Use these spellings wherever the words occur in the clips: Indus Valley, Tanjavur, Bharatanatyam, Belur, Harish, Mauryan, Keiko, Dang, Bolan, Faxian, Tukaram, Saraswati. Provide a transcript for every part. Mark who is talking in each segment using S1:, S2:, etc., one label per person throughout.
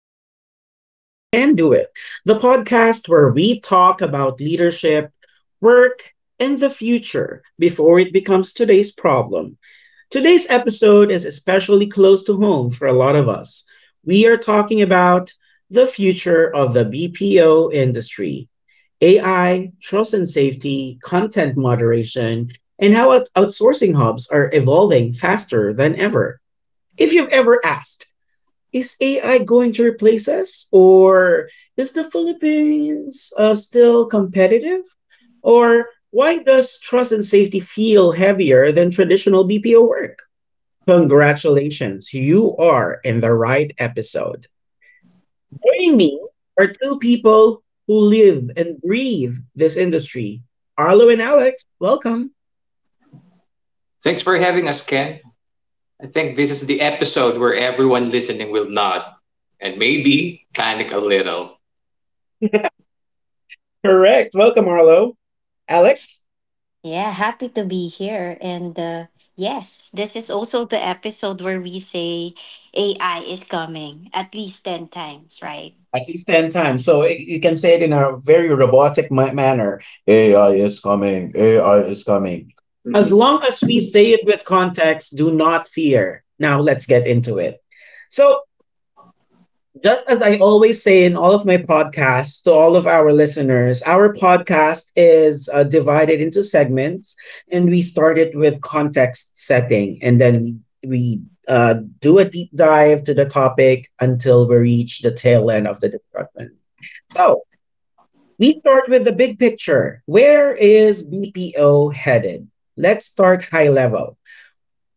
S1: to hashtag You Can Do It, the podcast where we talk about leadership, work, and the future before it becomes today's problem. Today's episode is especially close to home for a lot of us. We are talking about the future of the BPO industry, AI, trust and safety, content moderation, and how outsourcing hubs are evolving faster than ever. If you've ever asked, is AI going to replace us, or is the Philippines still competitive? Or why does trust and safety feel heavier than traditional BPO work? Congratulations, you are in the right episode. Joining me are two people who live and breathe this industry, Arlo and Alex. Welcome.
S2: Thanks for having us, Ken. I think this is the episode where everyone listening will nod and maybe panic a little.
S1: Correct. Welcome, Arlo. Alex,
S3: Yeah, happy to be here. And yes, this is also the episode where we say AI is coming at least 10 times, right?
S1: at least 10 times. So you can say it in a very robotic manner. AI is coming. AI is coming. As
S2: Mm-mm.
S1: long as we say it with context, do not fear. Now let's get into it. So just as I always say in all of my podcasts to all of our listeners, our podcast is divided into segments, and we start it with context setting, and then we do a deep dive to the topic until we reach the tail end of the discussion. So we start with the big picture. Where is BPO headed? Let's start high level.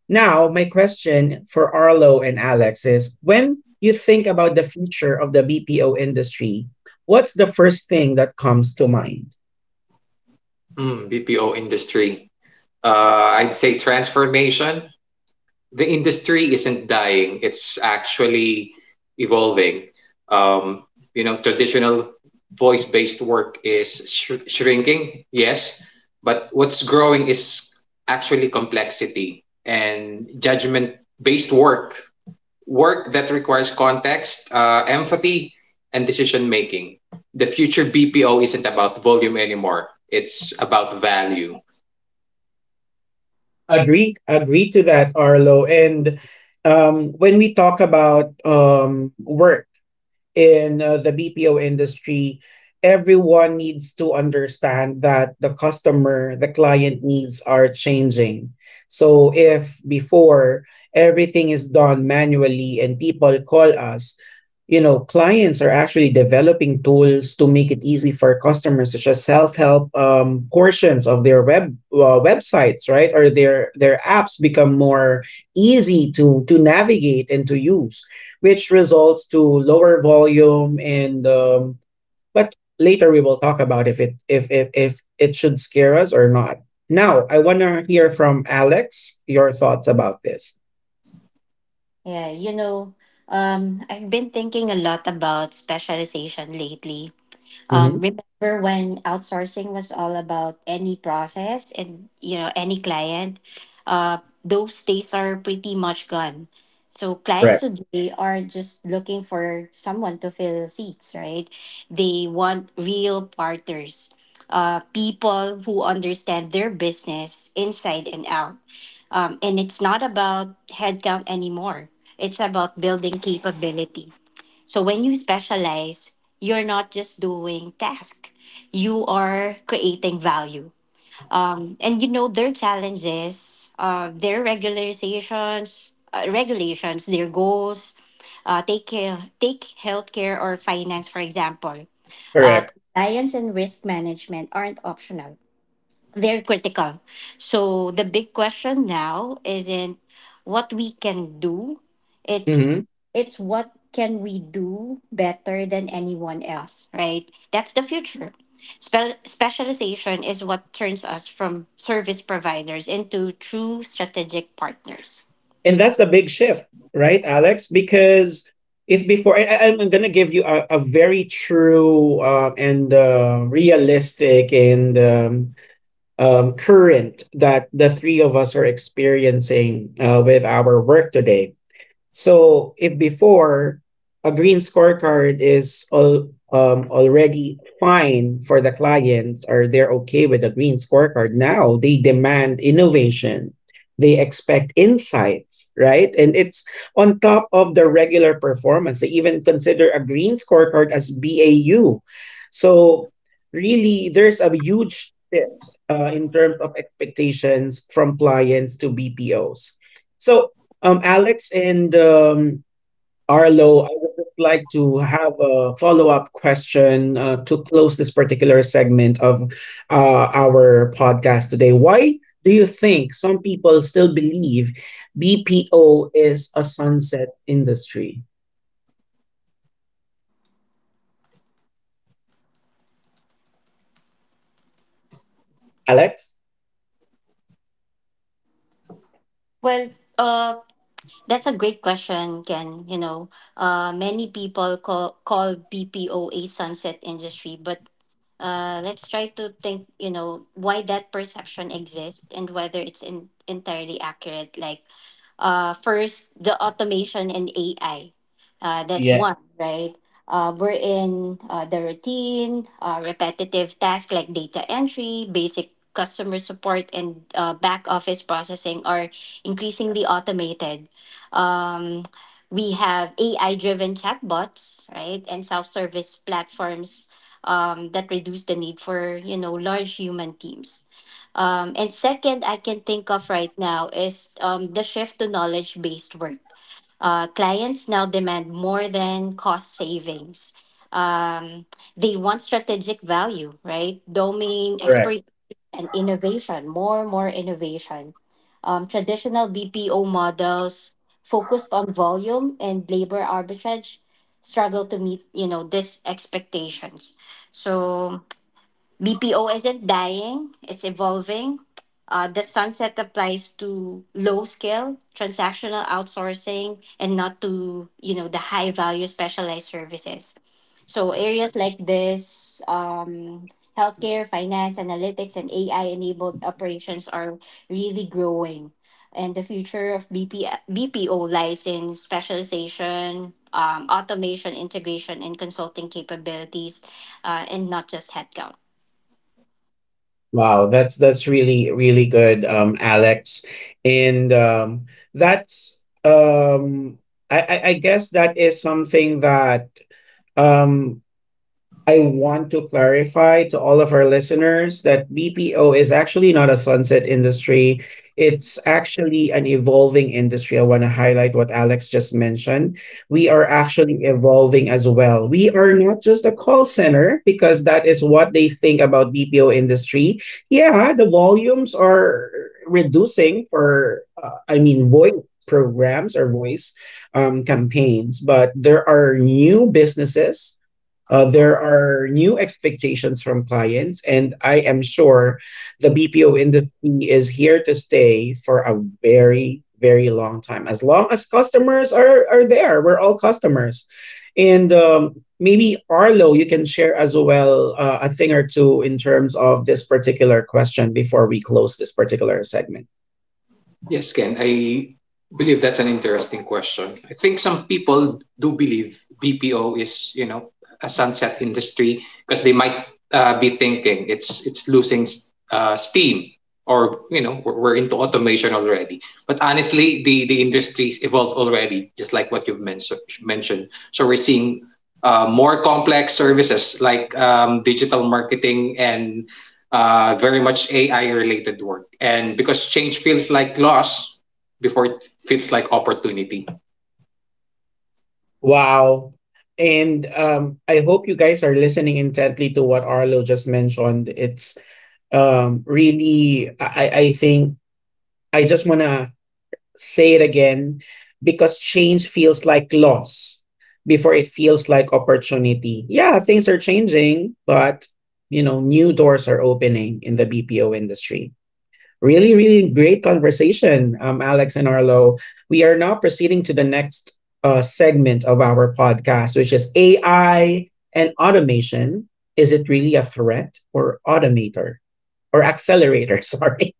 S1: Now, my question for Arlo and Alex is, when you think about the future of the BPO industry, what's the first thing that comes to mind?
S2: Mm, BPO industry. I'd say transformation. The industry isn't dying, it's actually evolving. Um, you know, traditional voice based work is shrinking, yes, but what's growing is actually complexity and judgment based work that requires context, empathy, and decision making. The future BPO isn't about volume anymore, it's about value.
S1: Agree, agree to that, Arlo. And when we talk about work, in the BPO industry, everyone needs to understand that the customer, the client needs are changing. So if before everything is done manually and people call us, you know, clients are actually developing tools to make it easy for customers, such as self-help portions of their websites, right, or their apps become more easy to navigate and to use, which results to lower volume and but later we will talk about if it should scare us or not. Now I want to hear from Alex your thoughts about this.
S3: Yeah, you know, I've been thinking a lot about specialization lately.
S1: Hmm.
S3: Remember when outsourcing was all about any process and any client? Uh, those days are pretty much gone. So clients
S1: Correct.
S3: today are just looking for someone to fill seats, right? They want real partners, people who understand their business inside and out. And it's not about headcount anymore. It's about building capability. So when you specialize, you're not just doing task. You are creating value. And their challenges, regulations, their goals. Take healthcare or finance for example.
S1: Correct.
S3: Compliance and risk management aren't optional, very critical. So the big question now isn't what we can do. It's
S1: Hmm.
S3: it's what can we do better than anyone else, right? That's the future. Specialization is what turns us from service providers into true strategic partners.
S1: And that's a big shift, right, Alex? Because if before I'm gonna give you a very true and realistic and current that the three of us are experiencing with our work today. So if before a green scorecard is all, already fine for the clients or they're okay with a green scorecard, now they demand innovation. They expect insights, right? And it's on top of the regular performance. They even consider a green scorecard as BAU. So really, there's a huge shift in terms of expectations from clients to BPOs. So Alex and Arlo, I would just like to have a follow-up question to close this particular segment of our podcast today. Why do you think some people still believe BPO is a sunset industry? Alex?
S3: Well, uh, That's a great question, Ken. You know, many people call BPO a sunset industry, but let's try to think, why that perception exists and whether it's entirely accurate. First, the automation and AI. That's
S1: Yeah,
S3: one, right? We're in the routine, repetitive tasks like data entry, basic customer support, and back office processing are increasingly automated. Um, we have AI driven chatbots, right? And self service platforms that reduce the need for, large human teams. Um, and second, I can think of right now is the shift to knowledge based work. Clients now demand more than cost savings. Um, they want strategic value, right? Domain
S1: correct.
S3: expertise and innovation, more innovation. Traditional BPO models focused on volume and labor arbitrage struggle to meet, these expectations. So BPO isn't dying, it's evolving. The sunset applies to low scale transactional outsourcing and not to the high value specialized services. So areas like this, healthcare, finance, analytics, and AI enabled operations are really growing. And the future of BPO lies in specialization, automation, integration, and consulting capabilities, and not just headcount.
S1: Wow, that's really good, Alex, and that's I, I guess that is something that um I want to clarify to all of our listeners that BPO is actually not a sunset industry. It's actually an evolving industry. I want to highlight what Alex just mentioned. We are actually evolving as well. We are not just a call center because that is what they think about BPO industry. Yeah, the volumes are reducing for I mean voice programs or voice campaigns, but there are new businesses, there are new expectations from clients, and I am sure the BPO industry is here to stay for a very, very long time. As long as customers are there, we're all customers. And maybe Arlo, you can share as well a thing or two in terms of this particular question before we close this particular segment.
S2: Yes, Ken, I believe that's an interesting question. I think some people do believe BPO is, you know, a sunset industry because they might be thinking it's losing steam, or you know we're into automation already. But honestly, the industries evolved already, just like what you've mentioned. So we're seeing more complex services like digital marketing and very much AI related work. And because change feels like loss before it feels like opportunity.
S1: Wow. And I hope you guys are listening intently to what Arlo just mentioned. It's really I think I just want to say it again, because change feels like loss before it feels like opportunity. Yeah, things are changing, but you know, new doors are opening in the BPO industry. Really, really great conversation, Alex and Arlo. We are now proceeding to the next segment of our podcast, which is AI and automation. Is it really a threat or automator or accelerator? Sorry.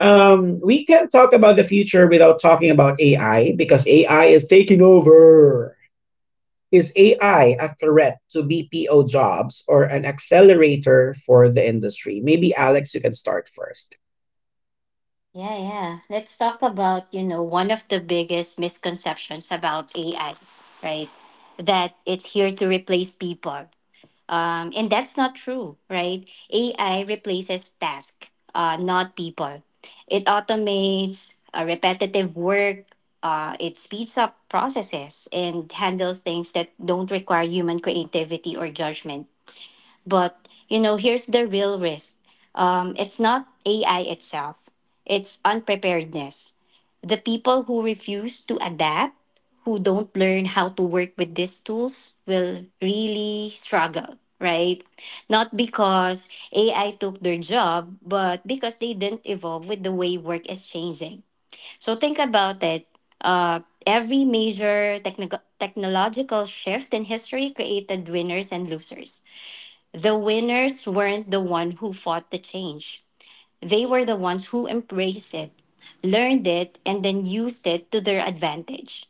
S1: We can't talk about the future without talking about AI because AI is taking over. Is AI a threat to BPO jobs or an accelerator for the industry? Maybe Alex, you can start first.
S3: Yeah, yeah. Let's talk about, one of the biggest misconceptions about AI, right? That it's here to replace people. And that's not true, right? AI replaces tasks, not people. It automates repetitive work, it speeds up processes and handles things that don't require human creativity or judgment. But here's the real risk. It's not AI itself; it's unpreparedness. The people who refuse to adapt, who don't learn how to work with these tools, will really struggle. Right? Not because AI took their job, but because they didn't evolve with the way work is changing. So think about it. Uh, every major technological shift in history created winners and losers. The winners weren't the one who fought the change. They were the ones who embraced it, learned it, and then used it to their advantage.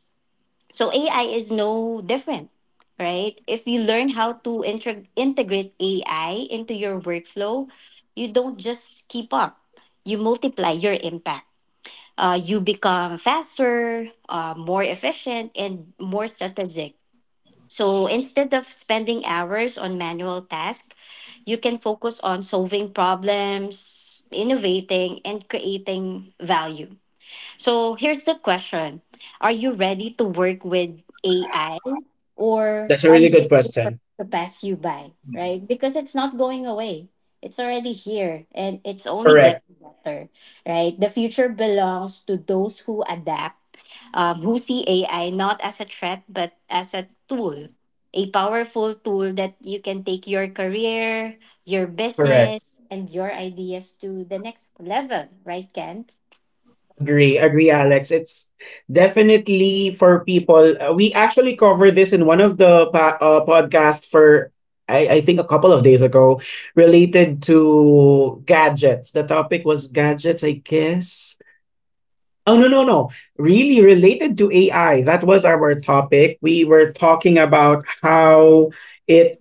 S3: So AI is no different, right? If you learn how to integrate AI into your workflow, you don't just keep up, you multiply your impact. You become faster, more efficient, and more strategic. So instead of spending hours on manual tasks, you can focus on solving problems, innovating, and creating value. So here's the question: are you ready to work with AI, or
S1: That's a
S3: are you
S1: really good
S3: waiting for
S1: question.
S3: it to pass you by? Right? Because it's not going away. It's already here and it's only
S1: Correct,
S3: getting better, right? The future belongs to those who adapt, who see AI not as a threat but as a tool, a powerful tool that you can take your career, your
S1: correct.
S3: business, and your ideas to the next level, right, Ken?
S1: Agree, agree, Alex. It's definitely for people. We actually covered this in one of the podcasts for, I think, a couple of days ago, related to gadgets. The topic was gadgets, I guess. Oh, no, no, no. Really related to AI. That was our topic. We were talking about how it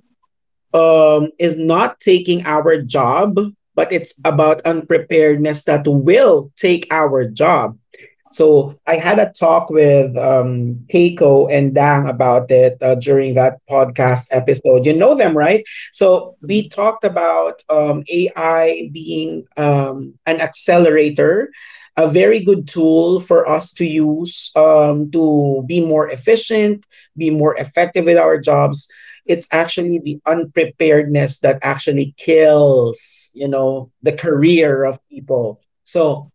S1: um, is not taking our job, but it's about unpreparedness that will take our job. So I had a talk with Keiko and Dang about it during that podcast episode. You know them, right? So we talked about AI being an accelerator, a very good tool for us to use to be more efficient, be more effective with our jobs. It's actually the unpreparedness that actually kills, you know, the career of people. So,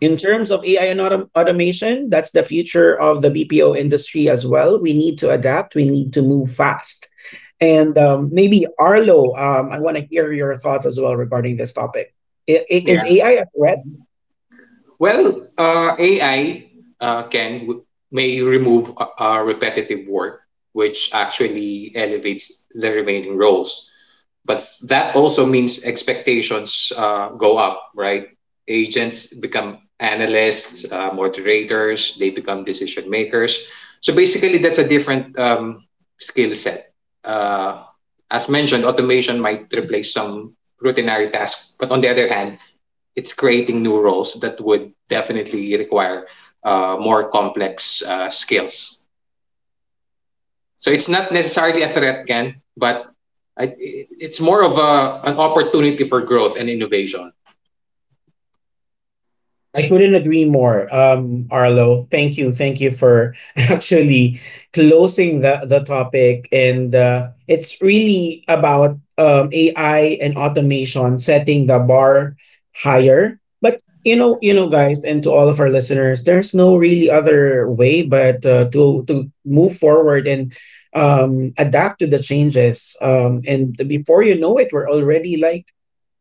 S1: in terms of AI and automation, that's the future of the BPO industry as well. We need to adapt, we need to move fast. And maybe Arlo, I want to hear your thoughts as well regarding this topic.
S2: Yeah.
S1: Is AI a threat?
S2: Well, AI can may remove repetitive work, which actually elevates the remaining roles, but that also means expectations go up, right? Agents become analysts, moderators, they become decision makers. So basically, that's a different skill set. Uh, as mentioned, automation might replace some routinary tasks, but on the other hand, it's creating new roles that would definitely require more complex skills. So it's not necessarily a threat, Ken, but I, it's more of an opportunity for growth and innovation.
S1: I couldn't agree more, Arlo. Thank you for actually closing the topic, and it's really about AI and automation setting the bar higher. But you know, guys, and to all of our listeners, there's no really other way but to move forward and adapt to the changes. And before you know it, we're already like,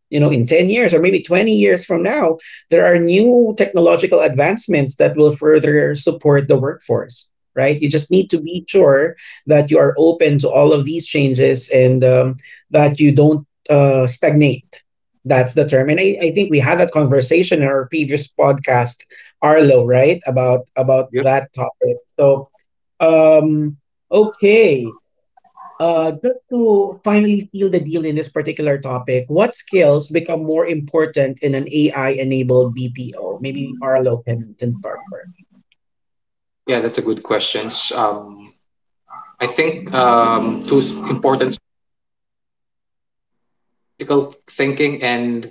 S1: you know, in 10 years or maybe 20 years from now, there are new technological advancements that will further support the workforce, right? You just need to be sure that you are open to all of these changes and that you don't stagnate. That's the term, and I think we had that conversation in our previous podcast, Arlo, right, about
S2: Yep.
S1: that topic. So um okay, just to finally seal the deal in this particular topic, what skills become more important in an AI-enabled BPO? Maybe Arlo can start first.
S2: Yeah, that's a good question. Um, I think two important, critical thinking and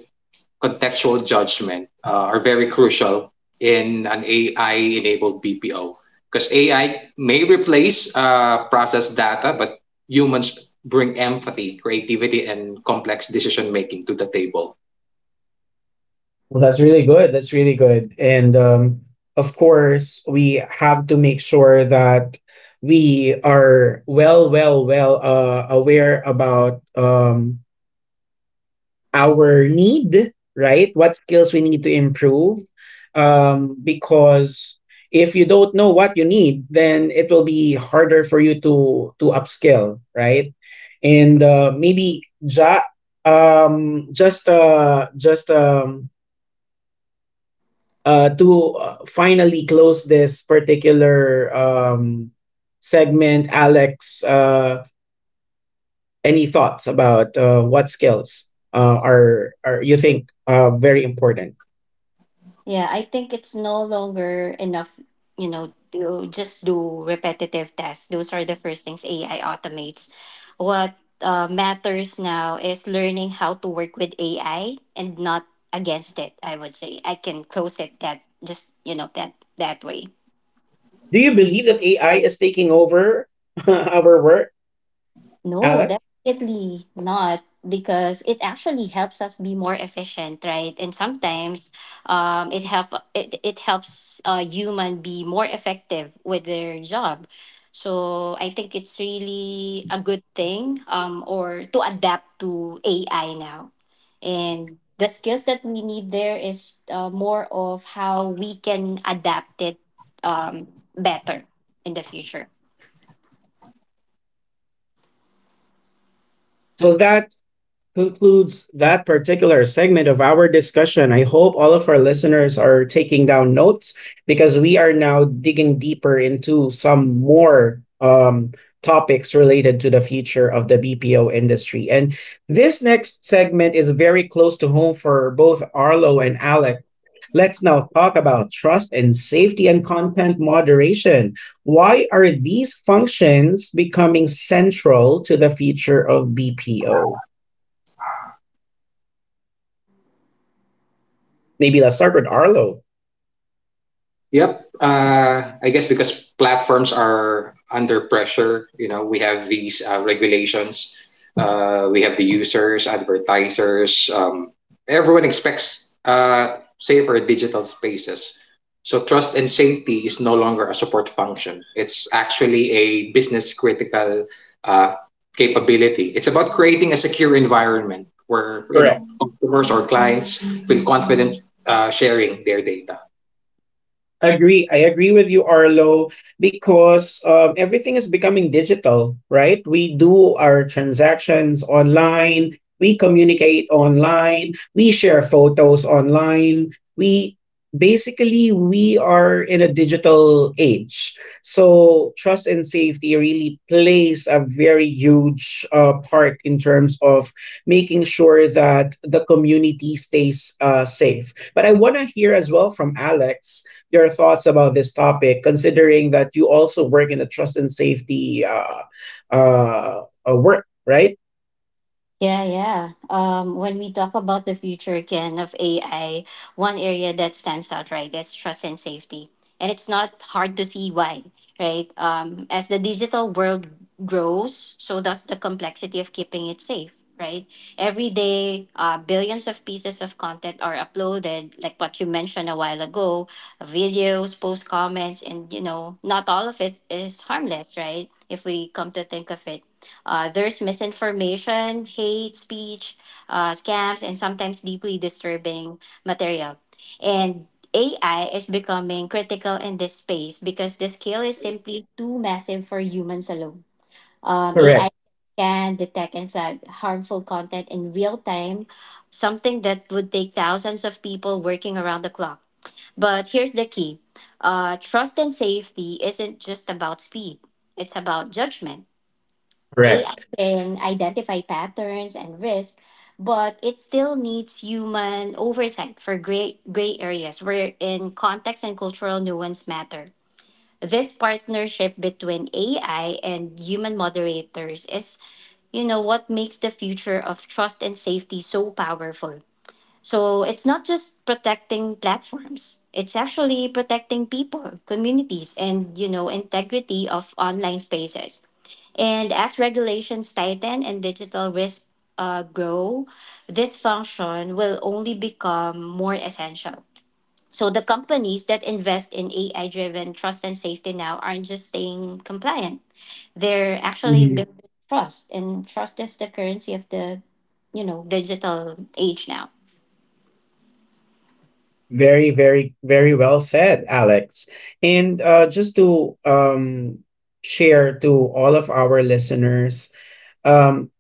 S2: contextual judgment, are very crucial in an AI enabled BPO, because AI may replace process data, but humans bring empathy, creativity, and complex decision making to the table.
S1: Well, that's really good. That's really good. And of course, we have to make sure that we are well, well, well aware about our need, right? What skills we need to improve. Because if you don't know what you need, then it will be harder for you to upskill, right? And maybe just to finally close this particular segment, Alex, any thoughts about what skills are you think very important?
S3: Yeah, I think it's no longer enough, to just do repetitive tasks. Those are the first things AI automates. What matters now is learning how to work with AI and not against it. I would say I can close it that just that way.
S1: Do you believe that AI is taking over our work,
S3: No,
S1: Alec?
S3: definitely not, because it actually helps us be more efficient, right? And sometimes it helps a human be more effective with their job. So I think it's really a good thing or to adapt to AI now. And the skills that we need there is more of how we can adapt it, um, better in the future.
S1: So that concludes that particular segment of our discussion. I hope all of our listeners are taking down notes, because we are now digging deeper into some more topics related to the future of the BPO industry. And this next segment is very close to home for both Arlo and Alec. Let's now talk about trust and safety and content moderation. Why are these functions becoming central to the future of BPO? Maybe let's start with Arlo.
S2: Yep. I guess because platforms are under pressure, you know, we have these regulations. We have the users, advertisers. Everyone expects safer digital spaces. So trust and safety is no longer a support function. It's actually a business critical uh, capability. It's about creating a secure environment where you
S1: Correct.
S2: know customers or clients feel confident sharing their data.
S1: Agree. I agree with you, Arlo, because everything is becoming digital, right? We do our transactions online, we communicate online, we share photos online. We basically we are in a digital age. So trust and safety really plays a very huge part in terms of making sure that the community stays safe. But I want to hear as well from Alex your thoughts about this topic, considering that you also work in the trust and safety work, right?
S3: Yeah, yeah. When we talk about the future again of AI, one area that stands out, right, is trust and safety. And it's not hard to see why, right? As the digital world grows, so does the complexity of keeping it safe, right? Every day, billions of pieces of content are uploaded, like what you mentioned a while ago: videos, post comments, and, not all of it is harmless, right? If we come to think of it, there's misinformation, hate speech, scams, and sometimes deeply disturbing material. And AI is becoming critical in this space because the scale is simply too massive for humans alone. AI
S1: Correct,
S3: can detect and flag harmful content in real time, something that would take thousands of people working around the clock. But here's the key: trust and safety isn't just about speed, it's about judgment. AI
S1: correct.
S3: can identify patterns and risk, but it still needs human oversight for gray areas wherein context and cultural nuance matter. This partnership between AI and human moderators is, what makes the future of trust and safety so powerful. So it's not just protecting platforms. It's actually protecting people, communities, and integrity of online spaces. And as regulations tighten and digital risks grow, this function will only become more essential. So the companies that invest in AI driven trust and safety now aren't just staying compliant. They're actually
S1: Mhm.
S3: building trust, and trust is the currency of the, digital age now.
S1: Very, very, very well said, Alex. And just to share to all of our listeners, um,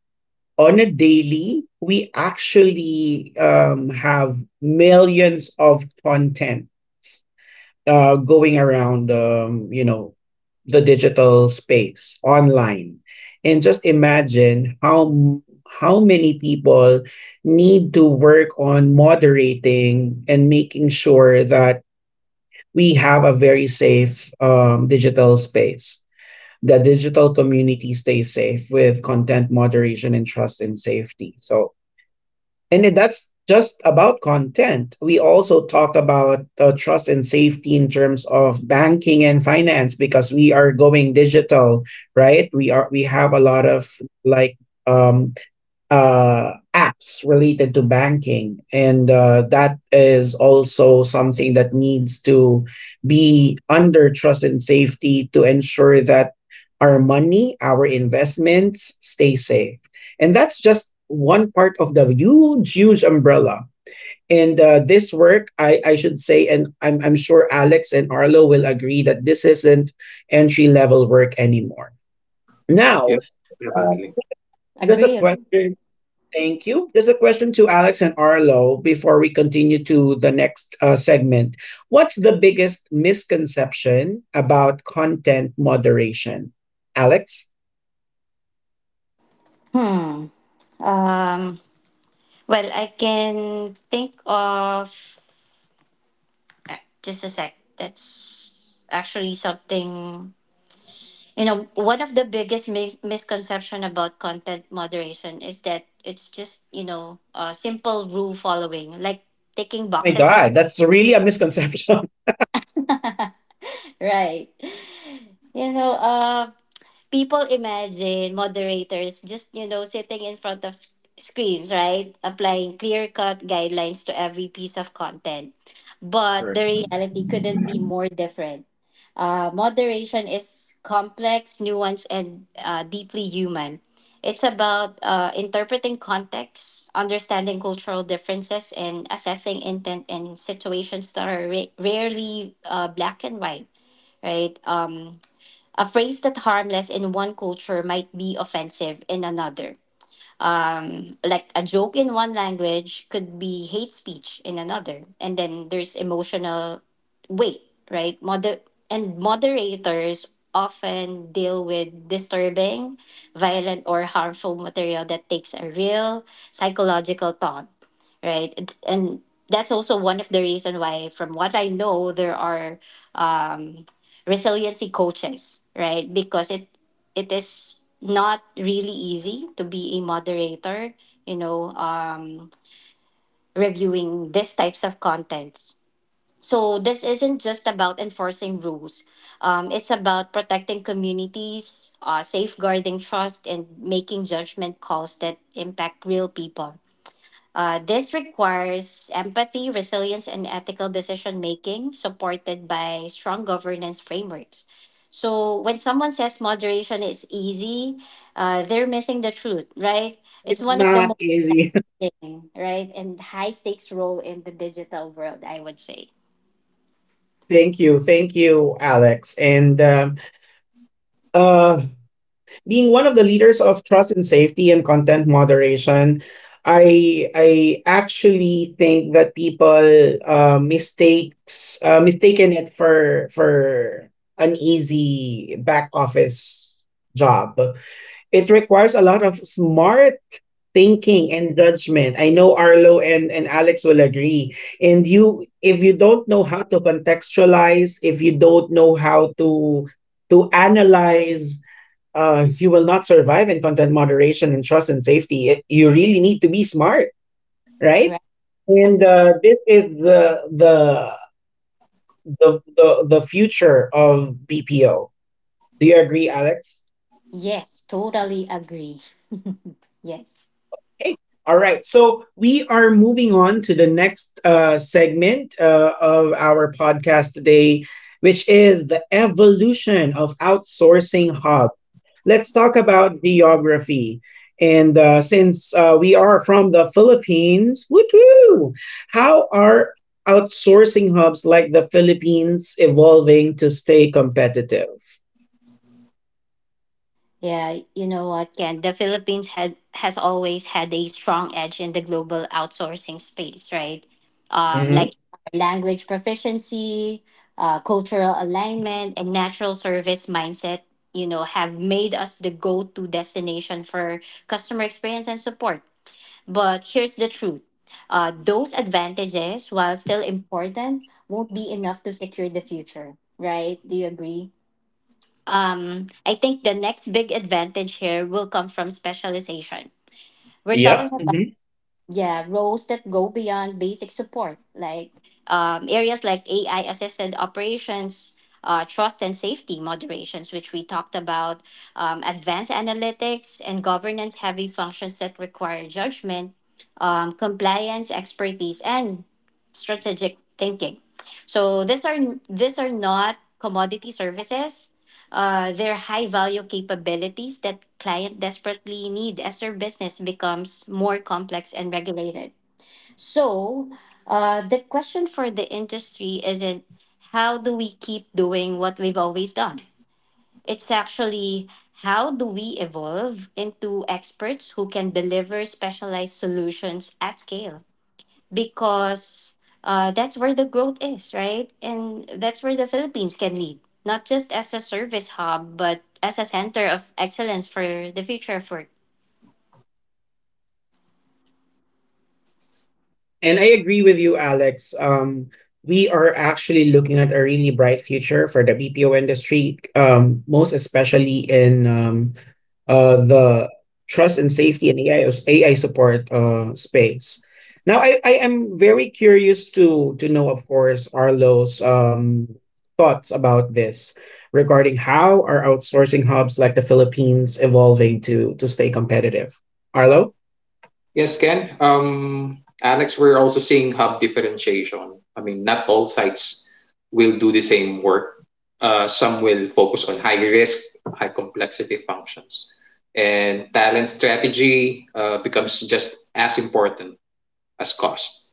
S1: on a daily, we actually have millions of content going around, you know, the digital space online, and just imagine how many people need to work on moderating and making sure that we have a very safe digital space. The digital community stays safe with content moderation and trust and safety. So that's just about content. We also talk about trust and safety in terms of banking and finance because we are going digital, right? We have a lot of like um, apps related to banking. And that is also something that needs to be under trust and safety to ensure that our money, our investments stay safe. And that's just one part of the huge, huge umbrella. And this work, I should say, and I'm sure Alex and Arlo will agree that this isn't entry level work anymore. Now,
S2: Yep,
S1: uh,
S2: definitely.
S1: just a
S3: Agree. Agree.
S1: question Thank you. Just a question to Alex and Arlo before we continue to the next segment. What's the biggest misconception about content moderation? Alex?
S3: Hmm. Um, well, I can think of uh, just a sec. That's actually something. One of the biggest misconception about content moderation is that it's just a simple rule following, like ticking
S1: Oh my
S3: boxes on
S1: God, that's really a misconception.
S3: right. you know uh People imagine moderators just sitting in front of screens, right, applying clear cut guidelines to every piece of content, but
S1: Correct.
S3: the reality couldn't be more different. Uh, moderation is complex, nuanced, and deeply human. It's about interpreting context, understanding cultural differences, and assessing intent in situations that are rarely black and white, right. Um, a phrase that harmless in one culture might be offensive in another, like a joke in one language could be hate speech in another. And then there's emotional weight, right. Moder- and moderators often deal with disturbing, violent, or harmful material that takes a real psychological thought, right. And That's also one of the reason why, from what I know, there are um, resiliency coaches, right, because it is not really easy to be a moderator, you know, reviewing these types of contents. So this isn't just about enforcing rules. It's about protecting communities, safeguarding trust, and making judgment calls that impact real people. This requires empathy, resilience, and ethical decision making supported by strong governance frameworks. So, when someone says moderation is easy, they're missing the truth, right? It's
S1: It's
S3: one of the
S1: not
S3: most
S1: easy.
S3: challenging, right, and high stakes role in the digital world, I would say,
S1: Thank you. Thank you, Alex. And uh, being one of the leaders of trust and safety and content moderation, I actually think that people mistakes mistaken it for an easy back office job. It requires a lot of smart thinking and judgment. I know Arlo and Alex will agree. And you, if you don't know how to contextualize, if you don't know how to analyze, you will not survive in content moderation and trust and safety. It, you really need to be smart, right?
S3: right?
S1: And
S3: Agree?
S1: this is the the future of BPO. Do you agree, Alex?
S3: Yes, totally agree. Yes.
S1: Okay. All right. So we are moving on to the next segment of our podcast today, which is the evolution of outsourcing hub. Let's talk about geography. And since we are from the Philippines, woo, how are outsourcing hubs like the Philippines evolving to stay competitive?
S3: Yeah, you know what, Ken? The Philippines had has always had a strong edge in the global outsourcing space, right?
S1: Mm-hmm.
S3: Like language proficiency, cultural alignment, and natural service mindset, have made us the go-to destination for customer experience and support. But here's the truth. Those advantages, while still important, won't be enough to secure the future, right? Do you agree? I think the next big advantage here will come from specialization. We're talking
S1: Yep.
S3: about yeah roles that go beyond basic support, like areas like AI assisted operations, trust and safety moderations, which we talked about, advanced analytics and governance heavy functions that require judgment, compliance expertise, and strategic thinking. So these are not commodity services, they're high value capabilities that client desperately need as their business becomes more complex and regulated. So, the question for the industry isn't how do we keep doing what we've always done? It's actually how do we evolve into experts who can deliver specialized solutions at scale? Because that's where the growth is, right? And that's where the Philippines can lead, not just as a service hub, but as a center of excellence for the future of work.
S1: And I agree with you, Alex. We are actually looking at a really bright future for the BPO industry, most especially in the trust and safety and AI, AI support space. Now, I am very curious to know, of course, Arlo's thoughts about this regarding how are outsourcing hubs like the Philippines evolving to stay competitive. Arlo?
S2: Yes, Ken. Alex, we're also seeing hub differentiation. I mean, not all sites will do the same work. Some will focus on high risk, high complexity functions. And talent strategy becomes just as important as cost.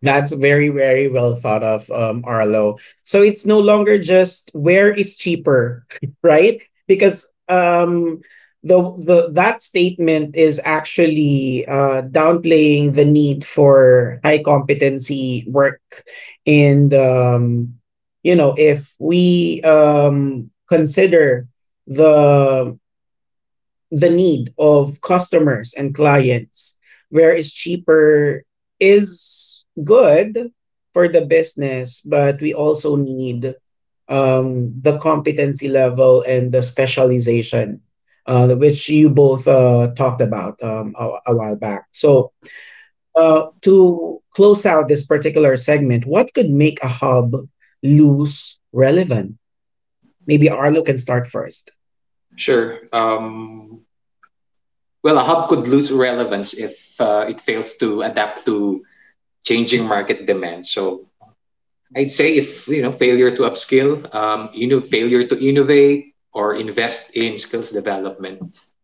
S1: That's very, very well thought of, Arlo. So it's no longer just where is cheaper, right? Because the that statement is actually downplaying the need for high competency work, and you know, if we consider the the need of customers and clients, where it's cheaper is good for the business, but we also need the competency level and the specialization, which you both talked about a while back. So, to close out this particular segment, what could make a hub lose relevance? Maybe Arlo can start first.
S2: Sure. Well, a hub could lose relevance if it fails to adapt to changing market demand. So I'd say, if you know, failure to upskill, you know, failure to innovate or invest in skills development,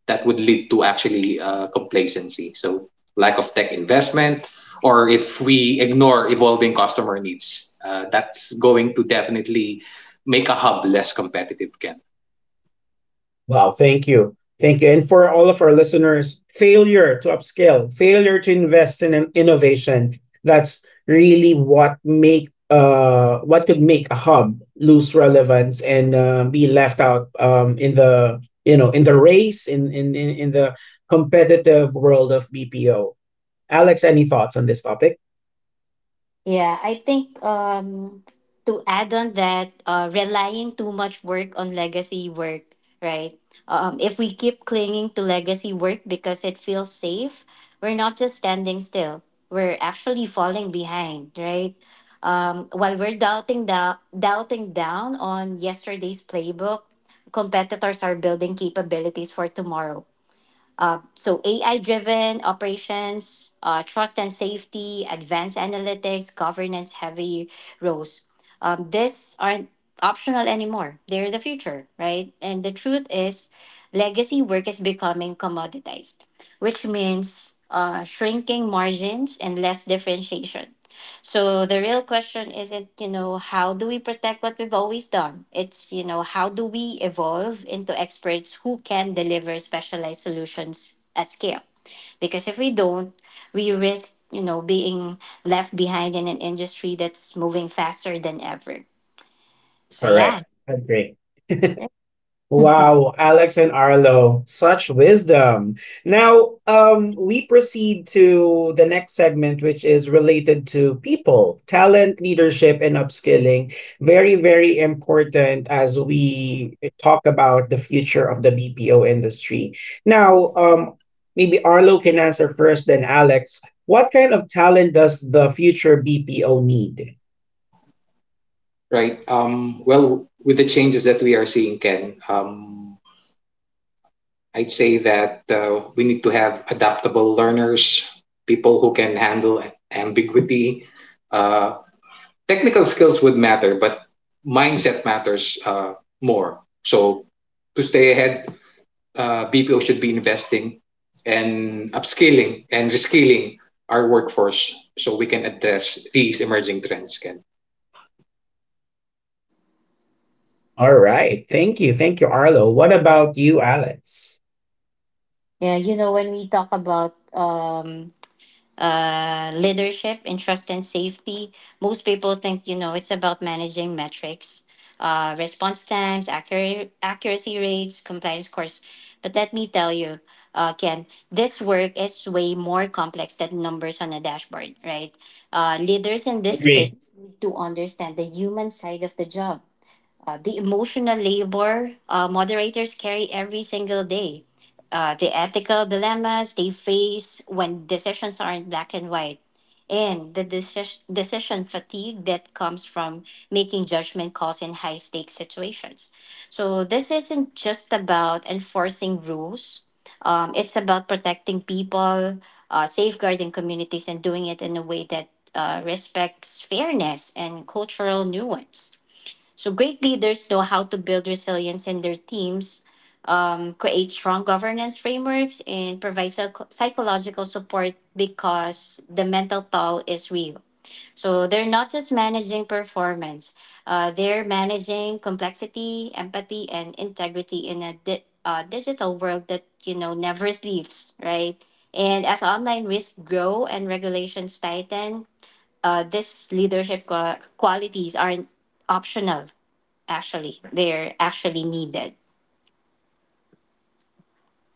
S2: that would lead to actually complacency. So lack of tech investment, or if we ignore evolving customer needs, that's going to definitely make a hub less competitive, Ken.
S1: Wow, thank you. Thank you. And for all of our listeners, failure to upscale, failure to invest in an innovation, that's really what make what could make a hub lose relevance and be left out in the, you know, in the race in the competitive world of BPO. Alex, any thoughts on this topic?
S3: Yeah, I think to add on that, relying too much work on legacy work, right? If we keep clinging to legacy work because it feels safe, we're not just standing still. We're actually falling behind, right? While we're doubting down on yesterday's playbook, competitors are building capabilities for tomorrow. So AI driven operations, trust and safety, advanced analytics, governance heavy roles. These aren't optional anymore. They're the future, right? And the truth is, legacy work is becoming commoditized, which means shrinking margins and less differentiation. So the real question isn't, how do we protect what we've always done? It's, how do we evolve into experts who can deliver specialized solutions at scale? Because if we don't, we risk, being left behind in an industry that's moving faster than ever. So yeah.
S1: Correct. Agree. Wow, Alex and Arlo, such wisdom. Now, we proceed to the next segment, which is related to people, talent, leadership, and upskilling. Very, very important as we talk about the future of the BPO industry. Now, maybe Arlo can answer first, then Alex. What kind of talent does the future BPO need?
S2: Right. Well, with the changes that we are seeing, Ken, I'd say that we need to have adaptable learners, people who can handle ambiguity. Uh, Technical skills would matter, but mindset matters more. So to stay ahead, BPO should be investing and upskilling and reskilling our workforce so we can address these emerging trends, Ken.
S1: All right, thank you, Arlo. What about you, Alex?
S3: Yeah, you know, when we talk about leadership and trust and safety. Most people think, you know, it's about managing metrics, response times, accuracy rates, compliance scores. But let me tell you, Ken, this work is way more complex than numbers on a dashboard, right? Leaders in this space need to understand the human side of the job the emotional labor moderators carry every single day, the ethical dilemmas they face when decisions aren't black and white, and the decision fatigue that comes from making judgment calls in high stakes situations. So, this isn't just about enforcing rules, it's about protecting people, safeguarding communities, and doing it in a way that respects fairness and cultural nuance. So great leaders know how to build resilience in their teams, create strong governance frameworks, and provide psychological support because the mental toll is real. So they're not just managing performance; they're managing complexity, empathy, and integrity in a digital world that never sleeps, right? And as online risks grow and regulations tighten, these leadership qualities aren't optional, actually they're actually needed.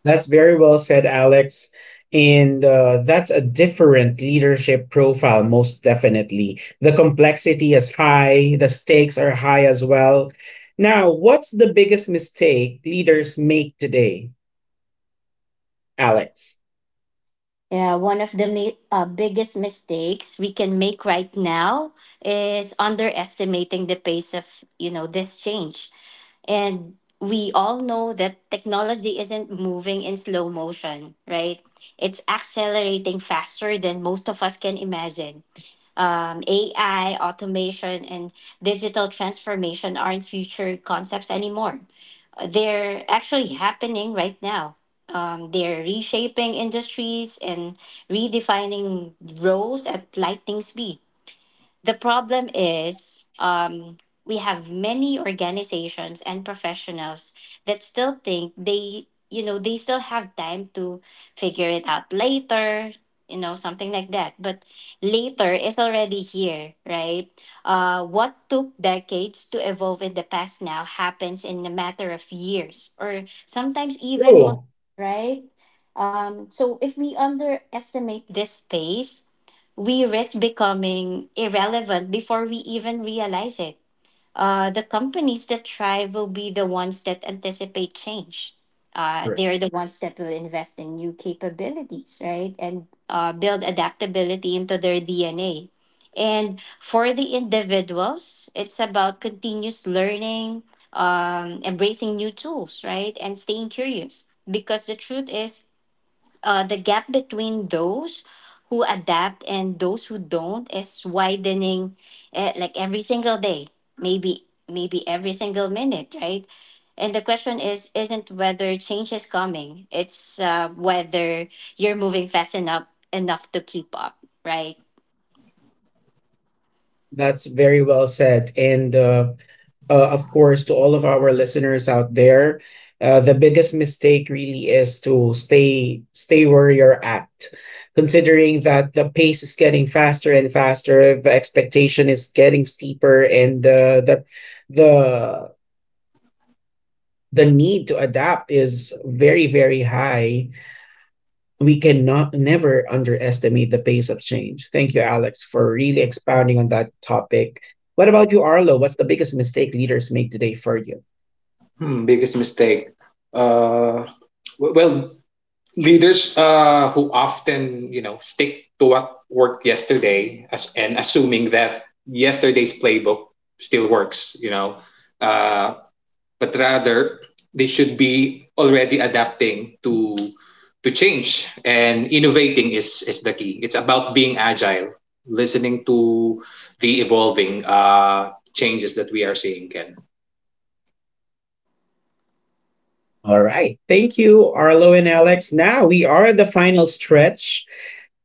S1: That's very well said, Alex. And that's a different leadership profile, most definitely. The complexity is high, the stakes are high as well. Now, what's the biggest mistake leaders make today, Alex?
S3: Yeah, one of the biggest mistakes we can make right now is underestimating the pace of, you know, this change. And we all know that technology isn't moving in slow motion, right? It's accelerating faster than most of us can imagine. AI, automation, and digital transformation aren't future concepts anymore. They're actually happening right now. They're reshaping industries and redefining roles at lightning speed. The problem is, we have many organizations and professionals that still think they, you know, they still have time to figure it out later, you know, something like that. But later is already here, right? What took decades to evolve in the past now happens in a matter of years or sometimes even months,
S1: True.
S3: right? So if we underestimate this pace, we risk becoming irrelevant before we even realize it. The companies that thrive will be the ones that anticipate change.
S1: Correct.
S3: They're the ones that will invest in new capabilities, right? And build adaptability into their DNA. And for the individuals, it's about continuous learning, embracing new tools, right? And staying curious. Because the truth is, the gap between those who adapt and those who don't is widening, like every single day, maybe maybe every single minute, right? And the question is isn't whether change is coming, it's, whether you're moving fast enough to keep up, right?
S1: That's very well said. And of course, to all of our listeners out there, the biggest mistake really is to stay where you're at. Considering that the pace is getting faster and faster, the expectation is getting steeper, and the the need to adapt is very, very high. We cannot never underestimate the pace of change. Thank you, Alex, for really expounding on that topic. What about you, Arlo? What's the biggest mistake leaders make today for you?
S2: Hmm, biggest mistake. Uh, well, leaders who often, you know, stick to what worked yesterday, and assuming that yesterday's playbook still works, you know, uh, but rather they should be already adapting to change, and innovating is the key. It's about being agile, listening to the evolving changes that we are seeing, Ken.
S1: All right. Thank you, Arlo and Alex. Now we are at the final stretch.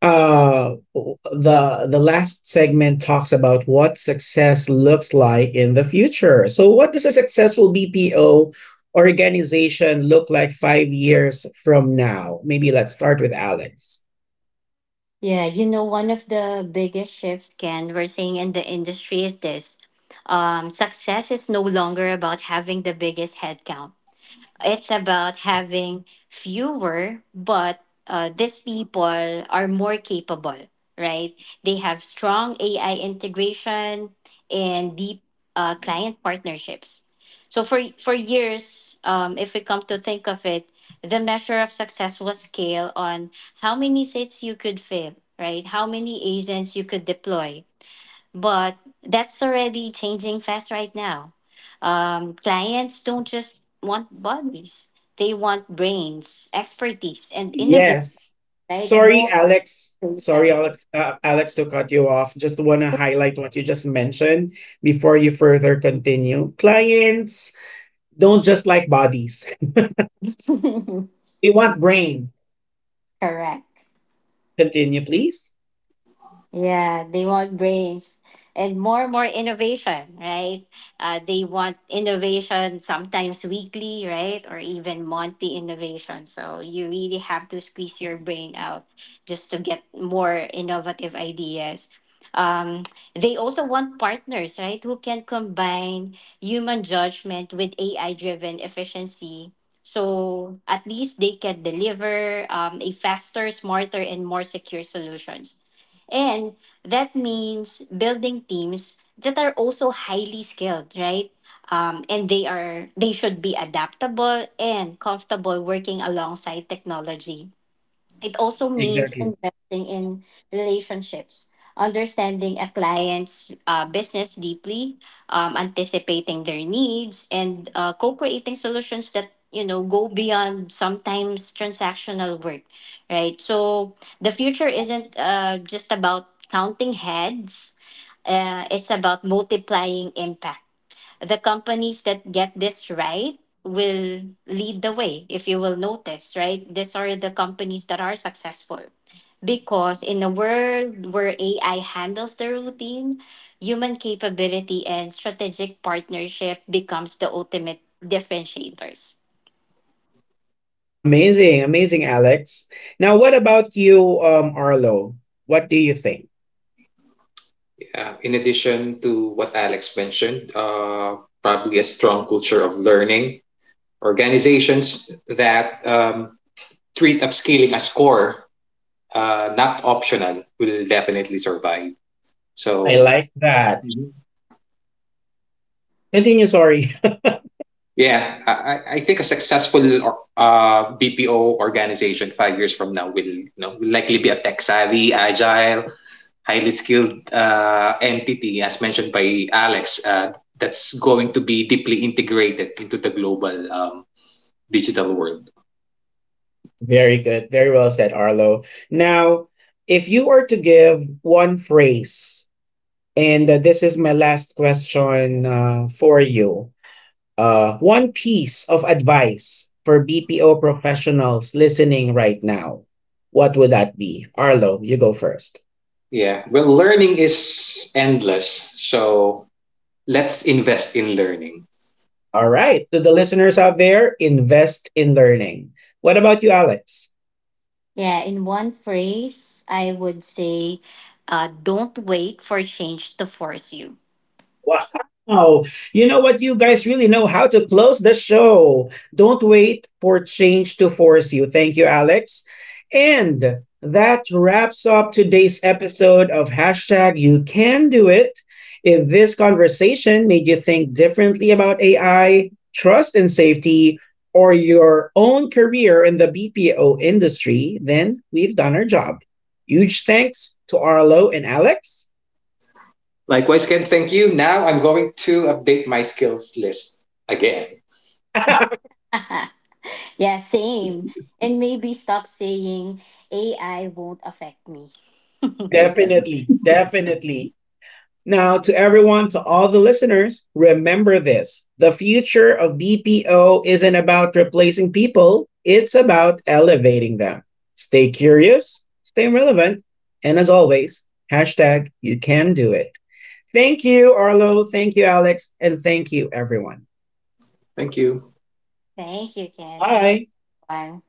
S1: The last segment talks about what success looks like in the future. So, what does a successful BPO organization look like 5 years from now? Maybe let's start with Alex.
S3: Yeah, you know, one of the biggest shifts, Ken, we're seeing in the industry is this, success is no longer about having the biggest headcount. It's about having fewer, but these people are more capable, right? They have strong AI integration and deep client partnerships. So for years, if we come to think of it, the measure of success was scale on how many seats you could fill, right? How many agents you could deploy, but that's already changing fast right now. Clients don't just want bodies; they want brains, expertise, and innovation.
S1: Yes.
S3: Right?
S1: Sorry,
S3: More
S1: Alex. Sorry,
S3: motivation.
S1: Alex. Alex, to cut you off. Just want to highlight what you just mentioned before you further continue. Clients don't just like bodies. We want brain.
S3: Correct.
S1: Continue, please.
S3: Yeah, they want brains and more innovation, right? They want innovation sometimes weekly, right? Or even monthly innovation. So you really have to squeeze your brain out just to get more innovative ideas. Um, they also want partners, right? Who can combine human judgment with AI driven efficiency. So at least they can deliver a faster, smarter, and more secure solutions. And that means building teams that are also highly skilled, right? And they should be adaptable and comfortable working alongside technology. It also means
S1: Exactly.
S3: investing in relationships, understanding a client's business deeply, anticipating their needs, and co-creating solutions that, you know, go beyond sometimes transactional work, right? So the future isn't, just about counting heads. It's about multiplying impact. The companies that get this right will lead the way, if you will notice, right? These are the companies that are successful, because in a world where AI handles the routine, human capability and strategic partnership becomes the ultimate differentiators.
S1: Amazing, amazing, Alex. Now, what about you, Arlo? What do you think?
S2: In addition to what Alex mentioned, probably a strong culture of learning. Organizations that treat upskilling as core, not optional, will definitely survive.
S1: I
S2: So,
S1: like that.
S2: mm-hmm.
S1: Continue, sorry.
S2: Yeah, I think a successful BPO organization five years from now will, you know, will likely be a tech savvy, agile, highly skilled entity, as mentioned by Alex, that's going to be deeply integrated into the global digital world.
S1: Very good. Very well said, Arlo. Now, if you are to give one phrase, and this is my last question for you, one piece of advice for BPO professionals listening right now. What would that be? Arlo, you go first.
S2: Yeah, well, learning is endless. So let's invest in learning.
S1: All right. To the listeners out there, invest in learning. What about you, Alex?
S3: Yeah, in one phrase I would say, don't wait for change to force you.
S1: Wow. You know what? You guys really know how to close the show. Don't wait for change to force you. Thank you, Alex. And that wraps up today's episode of hashtag you can do it. If this conversation made you think differently about AI, trust and safety, or your own career in the BPO industry, then we've done our job. Huge thanks to Arlo and Alex.
S2: Likewise, Ken, thank you. Now I'm going to update my skills list again.
S3: Yeah, same. And maybe stop saying AI won't affect me.
S2: Amen.
S1: Definitely, definitely. Now, to everyone, to all the listeners, remember this: the future of BPO isn't about replacing people, it's about elevating them. Stay curious, stay relevant, and as always, hashtag you can do it. Thank you, Arlo. Thank you, Alex. And thank you, everyone.
S2: Thank you.
S3: Thank you, Ken. Thank
S1: Bye.
S3: you, Juan.